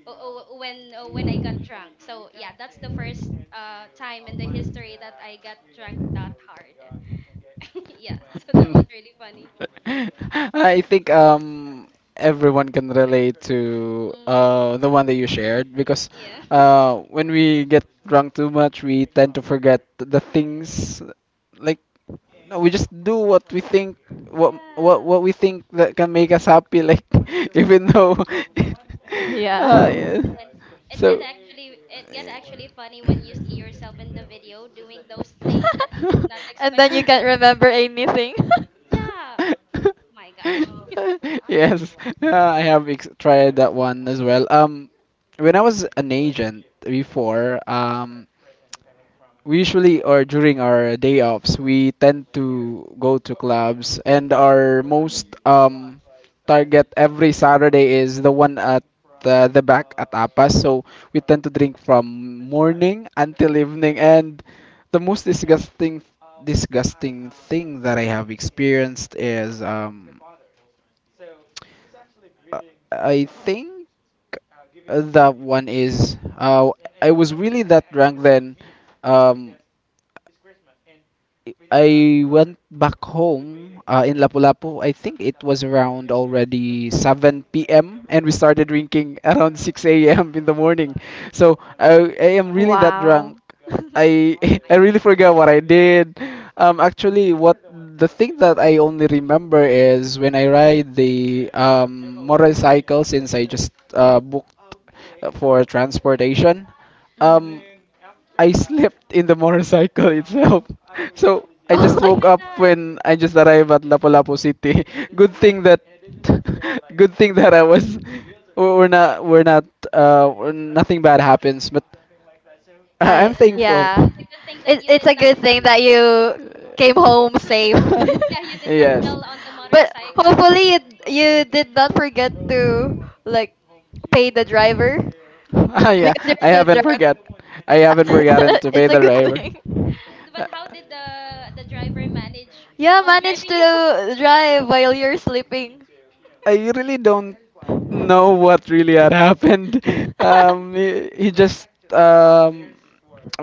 Speaker 3: o- o- when I got drunk. So yeah, that's the first time in the history that I got drunk that hard. Yeah, so that was really funny.
Speaker 1: I think everyone can relate to
Speaker 3: Mm,
Speaker 1: the one that you shared because
Speaker 3: yeah.
Speaker 1: when we get drunk too much we tend to forget the things, like no, we just do what we think, what what
Speaker 3: Yeah.
Speaker 1: what we think that can make us happy. Like even though yeah.
Speaker 3: And
Speaker 2: yeah.
Speaker 3: then
Speaker 1: So
Speaker 3: it get actually funny when you see yourself in the video doing those things that you did not
Speaker 2: And
Speaker 3: expect
Speaker 2: then
Speaker 3: to
Speaker 2: you can't
Speaker 3: do.
Speaker 2: remember anything.
Speaker 3: Yeah. Oh my god.
Speaker 1: yes, I have tried that one as well. When I was an agent before, we usually or during our day offs we tend to go to clubs, and our most
Speaker 2: Mm.
Speaker 1: target every Saturday is the one at the back at Apas. So we tend to drink from morning until evening, and the most disgusting thing that I have experienced is uh, I think That one is. I was really that drunk then. Um, I went back home in Lapu-Lapu. I think it was around already 7 p.m. and we started drinking around 6 a.m. in the morning. So I am really that drunk.
Speaker 2: Wow.
Speaker 1: I
Speaker 3: My
Speaker 1: I
Speaker 3: god.
Speaker 1: really forgot what I did. Actually, what the thing that I only remember is when I ride the motorcycle, since I just booked for transportation.
Speaker 3: Oh.
Speaker 1: Um,
Speaker 2: Mm.
Speaker 1: I slept in the motorcycle itself. So I
Speaker 2: Oh
Speaker 1: just
Speaker 3: Oh
Speaker 1: woke
Speaker 2: my.
Speaker 3: my
Speaker 1: up
Speaker 3: god.
Speaker 1: when I just arrived at Lapu-Lapu City. Good
Speaker 3: Oh my
Speaker 1: thing that good thing that I
Speaker 3: yeah.
Speaker 1: was we're we're not we're not we're nothing bad happens, but
Speaker 3: Yeah,
Speaker 1: I'm
Speaker 2: I
Speaker 3: yeah.
Speaker 1: thankful.
Speaker 3: And
Speaker 2: yeah.
Speaker 3: that's a good thing that
Speaker 2: It,
Speaker 3: you
Speaker 2: it's
Speaker 3: did
Speaker 2: a
Speaker 3: not
Speaker 2: good
Speaker 3: fell.
Speaker 2: thing that you came home safe.
Speaker 3: Yeah, you did not
Speaker 1: yes.
Speaker 3: fell on the
Speaker 2: But
Speaker 3: motorcycle.
Speaker 2: hopefully you did not forget to like pay the driver
Speaker 1: yeah,
Speaker 2: because
Speaker 1: I
Speaker 2: you're so
Speaker 1: haven't
Speaker 2: drunk.
Speaker 1: forgot. I haven't forgotten to pay
Speaker 2: It's a
Speaker 1: the
Speaker 2: good
Speaker 1: driver.
Speaker 2: thing.
Speaker 3: But
Speaker 1: Uh,
Speaker 3: how did the driver manage
Speaker 2: Yeah,
Speaker 3: on
Speaker 2: manage
Speaker 3: driving you?
Speaker 2: to drive while you're sleeping.
Speaker 1: I really don't know what really had happened. He just um,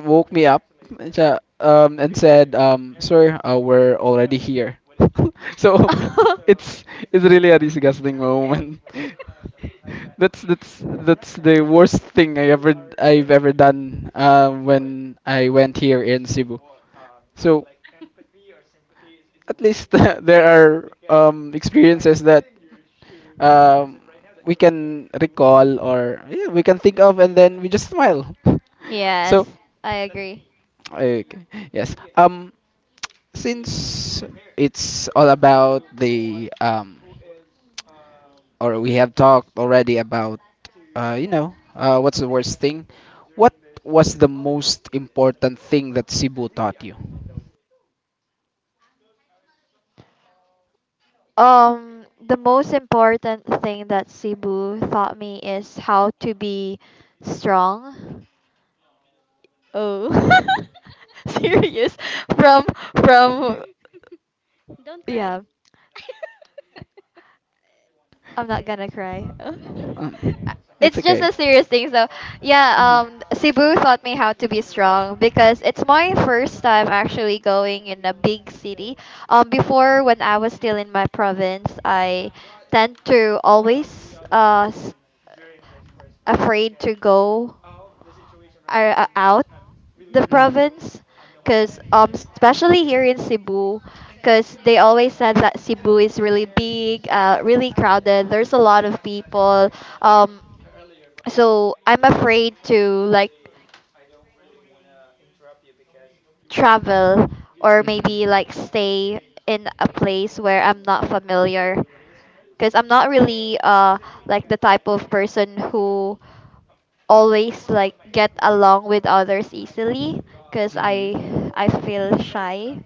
Speaker 1: woke me up and said, "Sir, we're already here." So it's it's really a disgusting moment. That's the worst thing I've ever done when I went here in Cebu. So at least there are experiences that um, we can recall, or yeah, we can think of, and then we just smile.
Speaker 2: Yes,
Speaker 1: So,
Speaker 2: I agree.
Speaker 1: okay, yes. Since it's all about the or we have talked already about what's the worst thing? What was the most important thing that Cebu taught you?
Speaker 2: The most important thing that Cebu taught me is how to be strong. Oh, serious? From from
Speaker 3: Don't cry.
Speaker 2: yeah. I'm not gonna cry. Uh,
Speaker 1: It's
Speaker 2: it's just
Speaker 1: okay.
Speaker 2: a serious thing. So, yeah,
Speaker 1: Mhm.
Speaker 2: Cebu taught me how to be strong because it's my first time actually going in a big city. Before when I was still in my province, I tend to always afraid to go are out the
Speaker 1: Mhm.
Speaker 2: province because especially here in Cebu because they always said that Cebu is really big really crowded, there's a lot of people, um so I'm afraid to like travel or
Speaker 1: Mhm. Mhm.
Speaker 2: maybe like stay in a place where I'm not familiar because I'm not really like the type of person who always like get along with others easily because
Speaker 1: Mhm.
Speaker 2: I feel shy.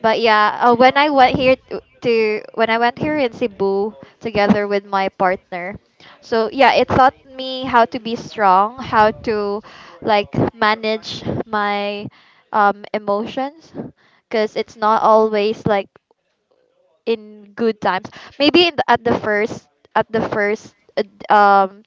Speaker 2: But yeah, when I went here to when I went here in Cebu together with my partner, so yeah, it taught me how to be strong, how to like manage my emotions, because it's not always like in good times. Maybe in the, at the first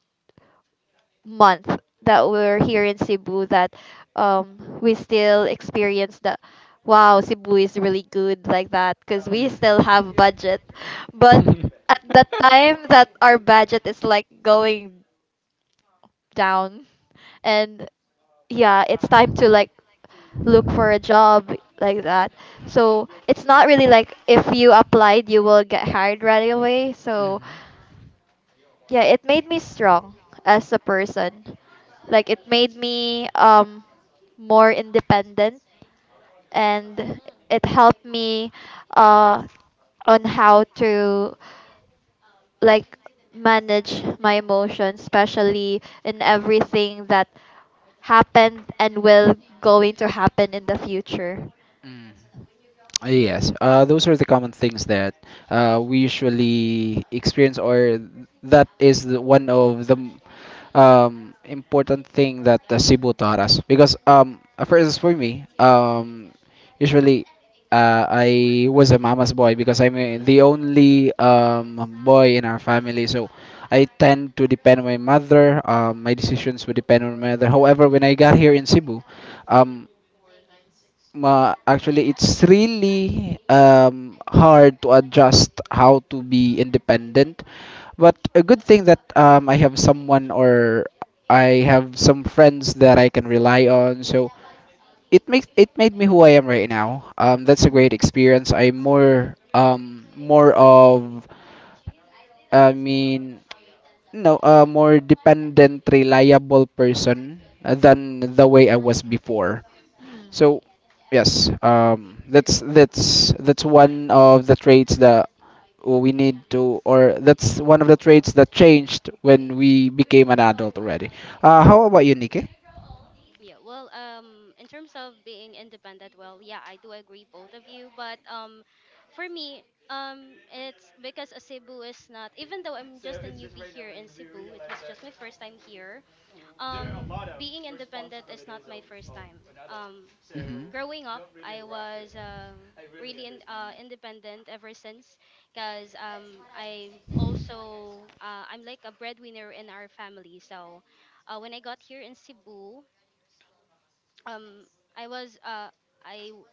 Speaker 2: month that we're here in Cebu, that we still experience the wow, Cebu is really good like that because we still have budget, but at the time that our budget is like going down and yeah, it's time to like look for a job like that, so it's not really like if you applied you will get hired right away. So
Speaker 1: Mhm.
Speaker 2: yeah, it made me strong as a person, like it made me more independent, and it helped me uh on how to like manage my emotions especially in everything that happened and will going to happen in the future.
Speaker 1: Mhm. Yes, those are the common things that we usually experience, or that is one of the important thing that Cebu taught us. Because for instance, for me, usually I was a mama's boy because I'm the only boy in our family, so I tend to depend on my mother. My decisions would depend on my mother. However, when I got here in Cebu, um, ma actually it's really hard to adjust how to be independent, but a good thing that I have someone, or I have some friends that I can rely on. So it makes it made me who I am right now. That's a great
Speaker 2: Mhm.
Speaker 1: experience. I'm more more of I mean no, a more dependent, reliable person than the way I was before.
Speaker 2: Mm.
Speaker 1: So yes, that's one of the traits that we need to, or that's one of the traits that changed when we became an adult already. How about you, Nikki?
Speaker 3: Yeah, yeah. Well, in terms of being independent, well, yeah, I do agree both of you, but for me, it's because Cebu is not. Even though I'm just a newbie here in Cebu, it was just my first time here. Um being independent is not my first time. Um
Speaker 1: Mhm. Mhm.
Speaker 3: growing up I was really in, independent ever since because I'm also I'm like a breadwinner in our family. So when I got here in cebu um I was I w-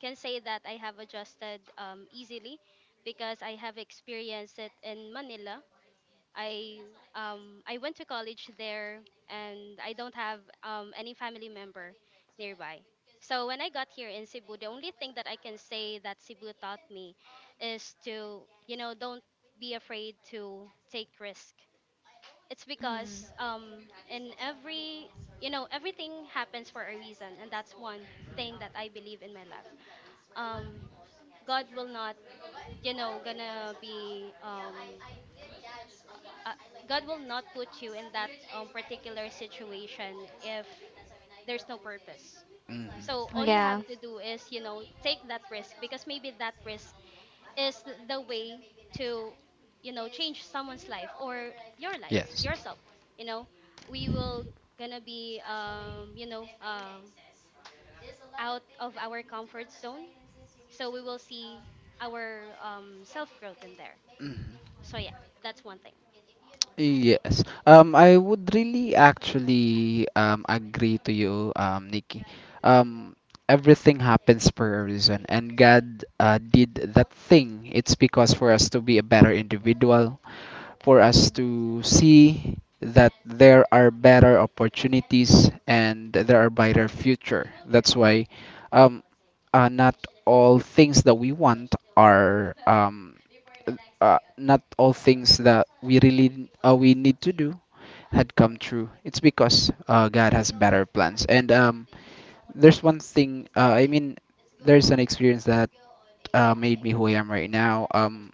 Speaker 3: can say that I have adjusted easily because I have experienced it in manila. I I went to college there, and I don't have any family member nearby. So when I got here in Cebu, the only thing that I can say that Cebu taught me is to, you know, don't be afraid to take risk. It's
Speaker 2: Mm.
Speaker 3: because in every, you know, everything happens for a reason, and that's one thing that I believe in my life. Um God will not, you know, gonna be uh, God will not put you in that particular situation if there's no purpose. So all you have
Speaker 2: Yeah.
Speaker 3: to do is, you know, take that risk because maybe that risk is th- the way to, you know, change someone's life or your life,
Speaker 1: Yes.
Speaker 3: yourself. You know, we will gonna be, you know, out of our comfort zone. So we will see our self growth in there.
Speaker 1: Mhm.
Speaker 3: So yeah, that's one thing.
Speaker 1: Yes. I would really actually agree to you, Nikki. Um, Everything happens for a reason, and God did that thing. It's because for us to be a better individual, for us
Speaker 2: Mm.
Speaker 1: to see that there are better opportunities and there are brighter future. That's why. Um, not all things that we want are Not all things that we really we need to do had come true. It's because God has better plans. And there's one thing. I mean, there's an experience that made me who I am right now.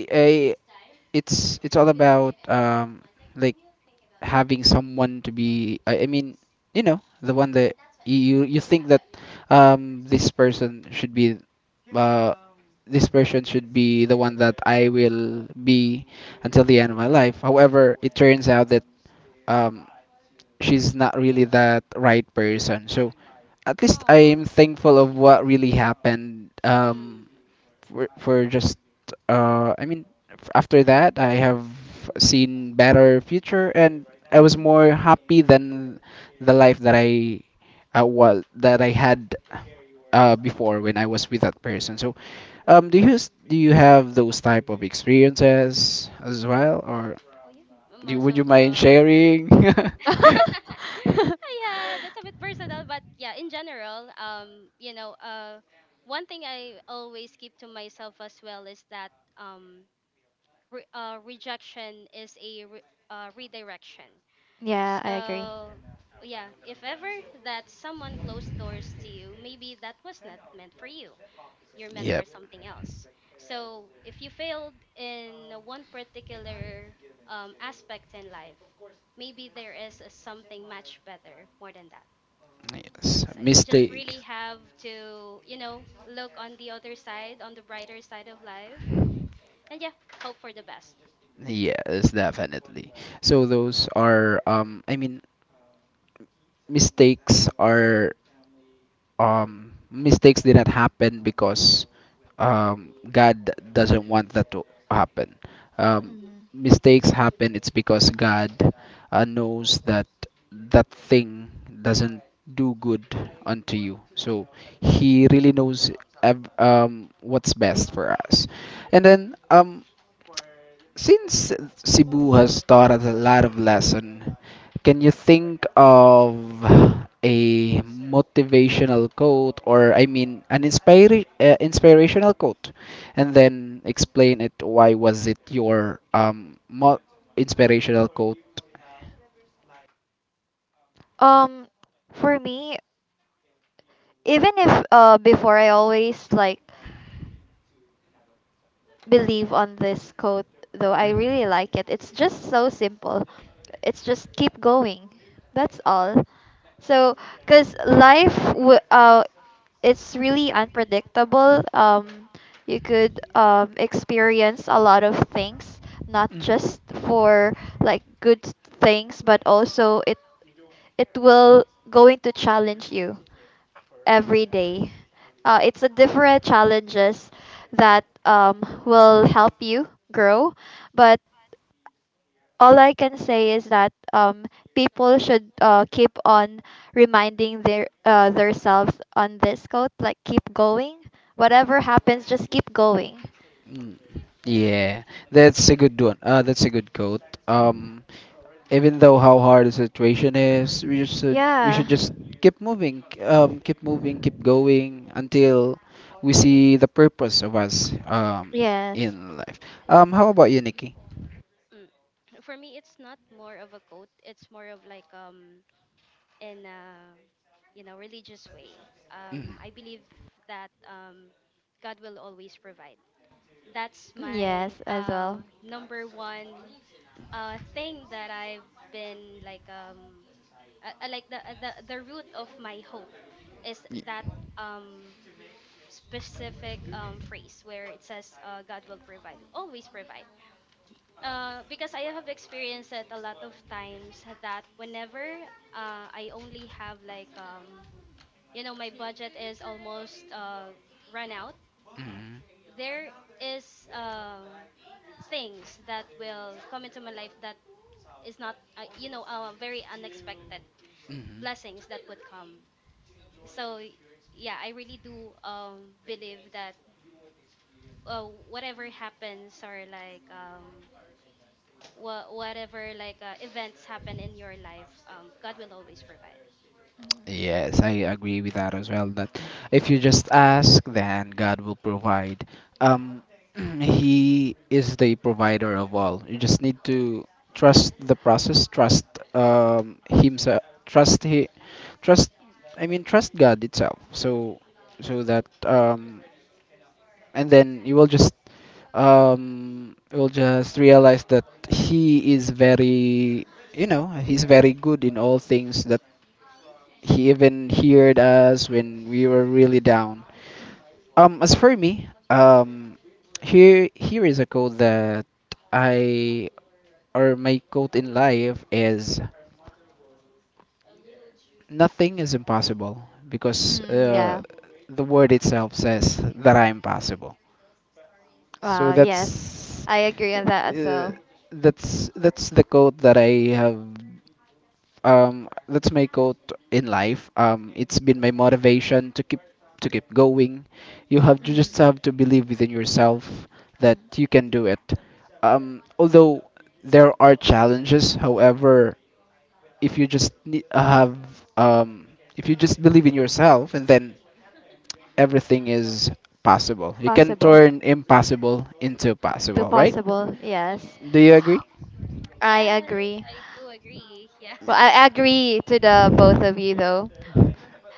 Speaker 1: I, it's all about like having someone to be you know the one that you think that this person should be uh the one that I will be until the end of my life. However, it turns out that um she's not really that right person. So at least
Speaker 3: Aww.
Speaker 1: I'm thankful of what really happened.
Speaker 3: Mm,
Speaker 1: For just uh, I mean, after that I have
Speaker 3: mm.
Speaker 1: seen better future, and I was
Speaker 2: Mm.
Speaker 1: more happy than the life that I well that I had before when I was with that person. So, do you do you have those type of experiences as well, or
Speaker 3: Oh yeah, m- most
Speaker 1: would you
Speaker 3: of
Speaker 1: mind sharing?
Speaker 3: yeah, that's a bit personal, but yeah, in general, you know, one thing I always keep to myself as well is that um, re- rejection is a re- redirection.
Speaker 2: Yeah, I agree.
Speaker 3: So yeah, if ever that someone closed doors to you, maybe that was not meant for you. You're meant for something else. So if you failed in one particular aspect in life, maybe there is a something much better more than that.
Speaker 1: Yes. So
Speaker 3: So
Speaker 1: You
Speaker 3: you just
Speaker 1: Mistake.
Speaker 3: really have to, you know, look on the other side, on the brighter side of life, and yeah, hope for the best.
Speaker 1: Yes, definitely. So those are mistakes are mistakes did not happen because God doesn't want that to happen. Um,
Speaker 3: Hmm.
Speaker 2: Mm.
Speaker 1: Mistakes happen, it's because God knows that that thing doesn't do good unto you. So He really knows what's best for us. And then since Cebu has taught us a lot of lesson, can you think of a motivational quote, or I mean an inspirational quote, and then explain it why was it your inspirational quote?
Speaker 2: Um, for me, even if before I always like believe on this quote, though I really like it. It's just so simple. It's just keep going. That's all. So, cause life, it's really unpredictable. You could experience a lot of things, not
Speaker 1: Mm-hmm.
Speaker 2: just for like good things, but also it will going to challenge you every day. It's a different challenges that will help you grow, but all I can say is that people should keep on reminding their themselves on this quote, like keep going. Whatever happens, just keep going.
Speaker 1: Mm. Yeah, that's a good one. That's a good quote. Even though how hard the situation is, we
Speaker 2: Yeah.
Speaker 1: should just keep moving, keep moving, keep going until we see the purpose of us
Speaker 2: Yes.
Speaker 1: in life. How about you, Nikki?
Speaker 3: Mm. For me, it's not more of a quote. It's more of like in a, you know, religious way.
Speaker 1: Mhm.
Speaker 3: I believe that God will always provide. That's my
Speaker 2: Yes, as well.
Speaker 3: number one thing that I've been like the root of my hope is
Speaker 1: Y-
Speaker 3: that um specific phrase where it says God will provide always provide because I have experienced it a lot of times that whenever I only have like um, you know, my budget is almost run out. There is
Speaker 1: Mhm.
Speaker 3: things that will come into my life that is not you know very unexpected
Speaker 1: Mhm.
Speaker 3: blessings that would come. So y- yeah I really do believe that whatever happens or like wha- whatever like events happen in your life god will always provide.
Speaker 2: Mm.
Speaker 1: Yes, I agree with that as well. That if you just ask, then God will provide. Um, He is the provider of all. You just need to trust the process, trust Himself, trust. I mean, trust God itself. So, so that and then you will just realize that He is very, you know, He's very good in all things, that he even heard us when we were really down. As for me, here is a quote that I or my quote in life is nothing is impossible, because
Speaker 2: Mm, yeah.
Speaker 1: the word itself says that I'm possible. So
Speaker 2: Wow. Yes,
Speaker 1: that's
Speaker 3: Wow.
Speaker 2: I agree on that as
Speaker 1: uh,
Speaker 2: well.
Speaker 1: that's the quote that I have let's make in life. It's been my motivation to keep going. You just
Speaker 2: Mm.
Speaker 1: have to believe within yourself that
Speaker 2: Mm.
Speaker 1: you can do it. Although there are challenges, however, if you just um, believe in yourself, and then everything is possible. You can
Speaker 2: Possible.
Speaker 1: turn impossible into
Speaker 3: Mm,
Speaker 2: Too
Speaker 1: possible, right?
Speaker 2: possible, yes.
Speaker 1: Do you
Speaker 3: yes.
Speaker 1: agree?
Speaker 2: I
Speaker 3: Yes,
Speaker 2: agree.
Speaker 3: I do agree, yeah.
Speaker 2: Well, I agree to the both of you though.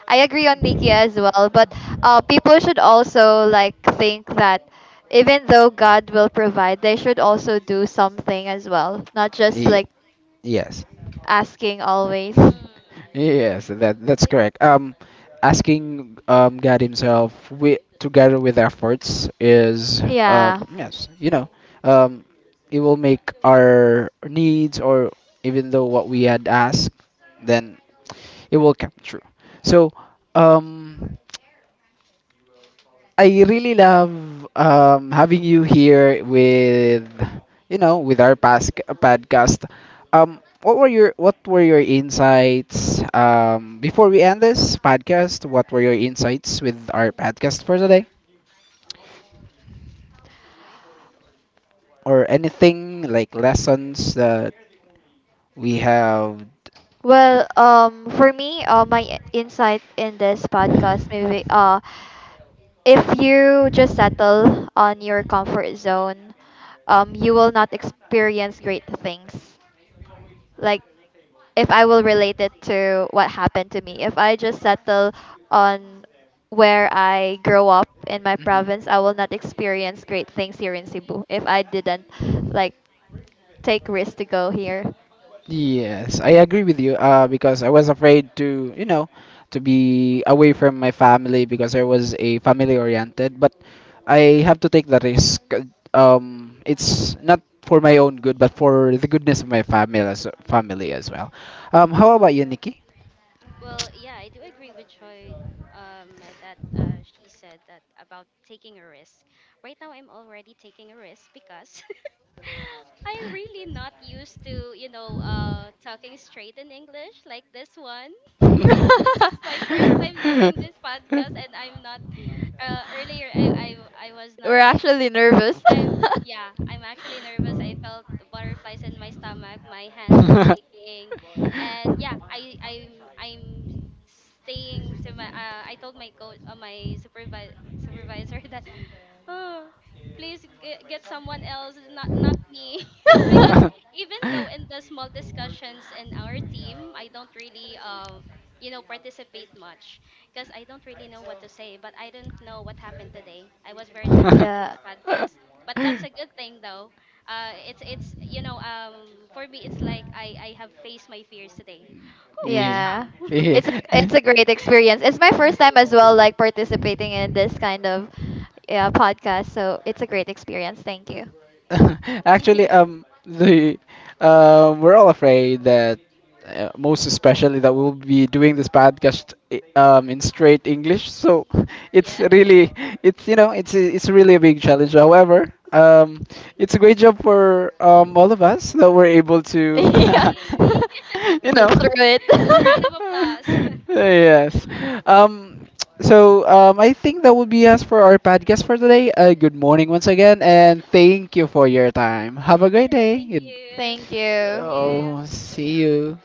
Speaker 2: I agree on Nikki as well, but people should also like think that even though God will provide, they should also do something as well, not just
Speaker 1: Ye-
Speaker 2: like
Speaker 1: yes.
Speaker 2: asking always.
Speaker 3: Mm.
Speaker 1: Yes, that that's
Speaker 3: Well,
Speaker 1: correct. Asking God Himself we together with efforts is
Speaker 2: Yeah.
Speaker 1: yes, you know, um, it will make our needs, or even though what we had asked, then it will come true. So um I really love having you here with you know with our past podcast. What were your insights before we end this podcast? What were your insights with our podcast for today, or anything like lessons that we have?
Speaker 2: Well, for me, my insight in this podcast, maybe, if you just settle on your comfort zone, you will not experience great things. Like if I will relate it to what happened to me, if I just settle on where I grow up in my
Speaker 1: Mhm.
Speaker 2: province, I will not experience great things here in Cebu if I didn't like take risks to go here.
Speaker 1: Yes, I agree with you. Because I was afraid to, you know, to be away from my family because I was a family oriented. But
Speaker 3: yeah.
Speaker 1: I have to take the risk. It's not for my own good, but for the goodness of my family as well. How
Speaker 3: Mm.
Speaker 1: about you, Nikki?
Speaker 3: Well, yeah, I do agree with Joy that she said that about taking a risk. Right now I'm already taking a risk because I'm really not used to, you know, talking straight in English like this one. This is my first time doing this podcast, and I'm not earlier I was
Speaker 2: We're
Speaker 3: not like
Speaker 2: actually nervous.
Speaker 3: I'm
Speaker 1: Yeah,
Speaker 3: yeah, I'm actually nervous. I felt the butterflies in my stomach. My hands are shaking, and yeah, I'm staying to my. I told my coach, my supervisor supervisor that, oh, please get someone else, not not me. It's because even
Speaker 1: I
Speaker 3: though in the small discussions in our team, I don't really uh, you know, participate much because I don't really know what to say. But I don't know what happened today. I was very talkative in
Speaker 2: Yeah,
Speaker 3: this podcast, but that's a good thing though it's you know for me it's like I have faced my fears today. Whew, I'm
Speaker 1: yeah.
Speaker 2: yeah.
Speaker 3: strong.
Speaker 1: Yeah.
Speaker 2: It's a great experience. It's my first time as well like participating in this kind of yeah, podcast, so it's a great experience. Thank
Speaker 1: Mm,
Speaker 2: you.
Speaker 1: Actually,
Speaker 3: Yeah.
Speaker 1: the we're all afraid that most especially that we'll be doing this podcast in straight English. So it's
Speaker 3: Yeah.
Speaker 1: really it's you know it's a- it's really a big challenge. However, it's a great job for all of us that we're able to.
Speaker 2: Yeah.
Speaker 3: Yay.
Speaker 1: you
Speaker 2: Get
Speaker 1: know.
Speaker 2: through it.
Speaker 3: A round of applause.
Speaker 1: yes. Um. So I think that would be us for our podcast for today. Good morning once again, and thank you for your time. Have a great day.
Speaker 3: Thank
Speaker 1: Good-
Speaker 3: you.
Speaker 2: Thank
Speaker 3: Thank
Speaker 2: you.
Speaker 3: you.
Speaker 1: Oh, see you.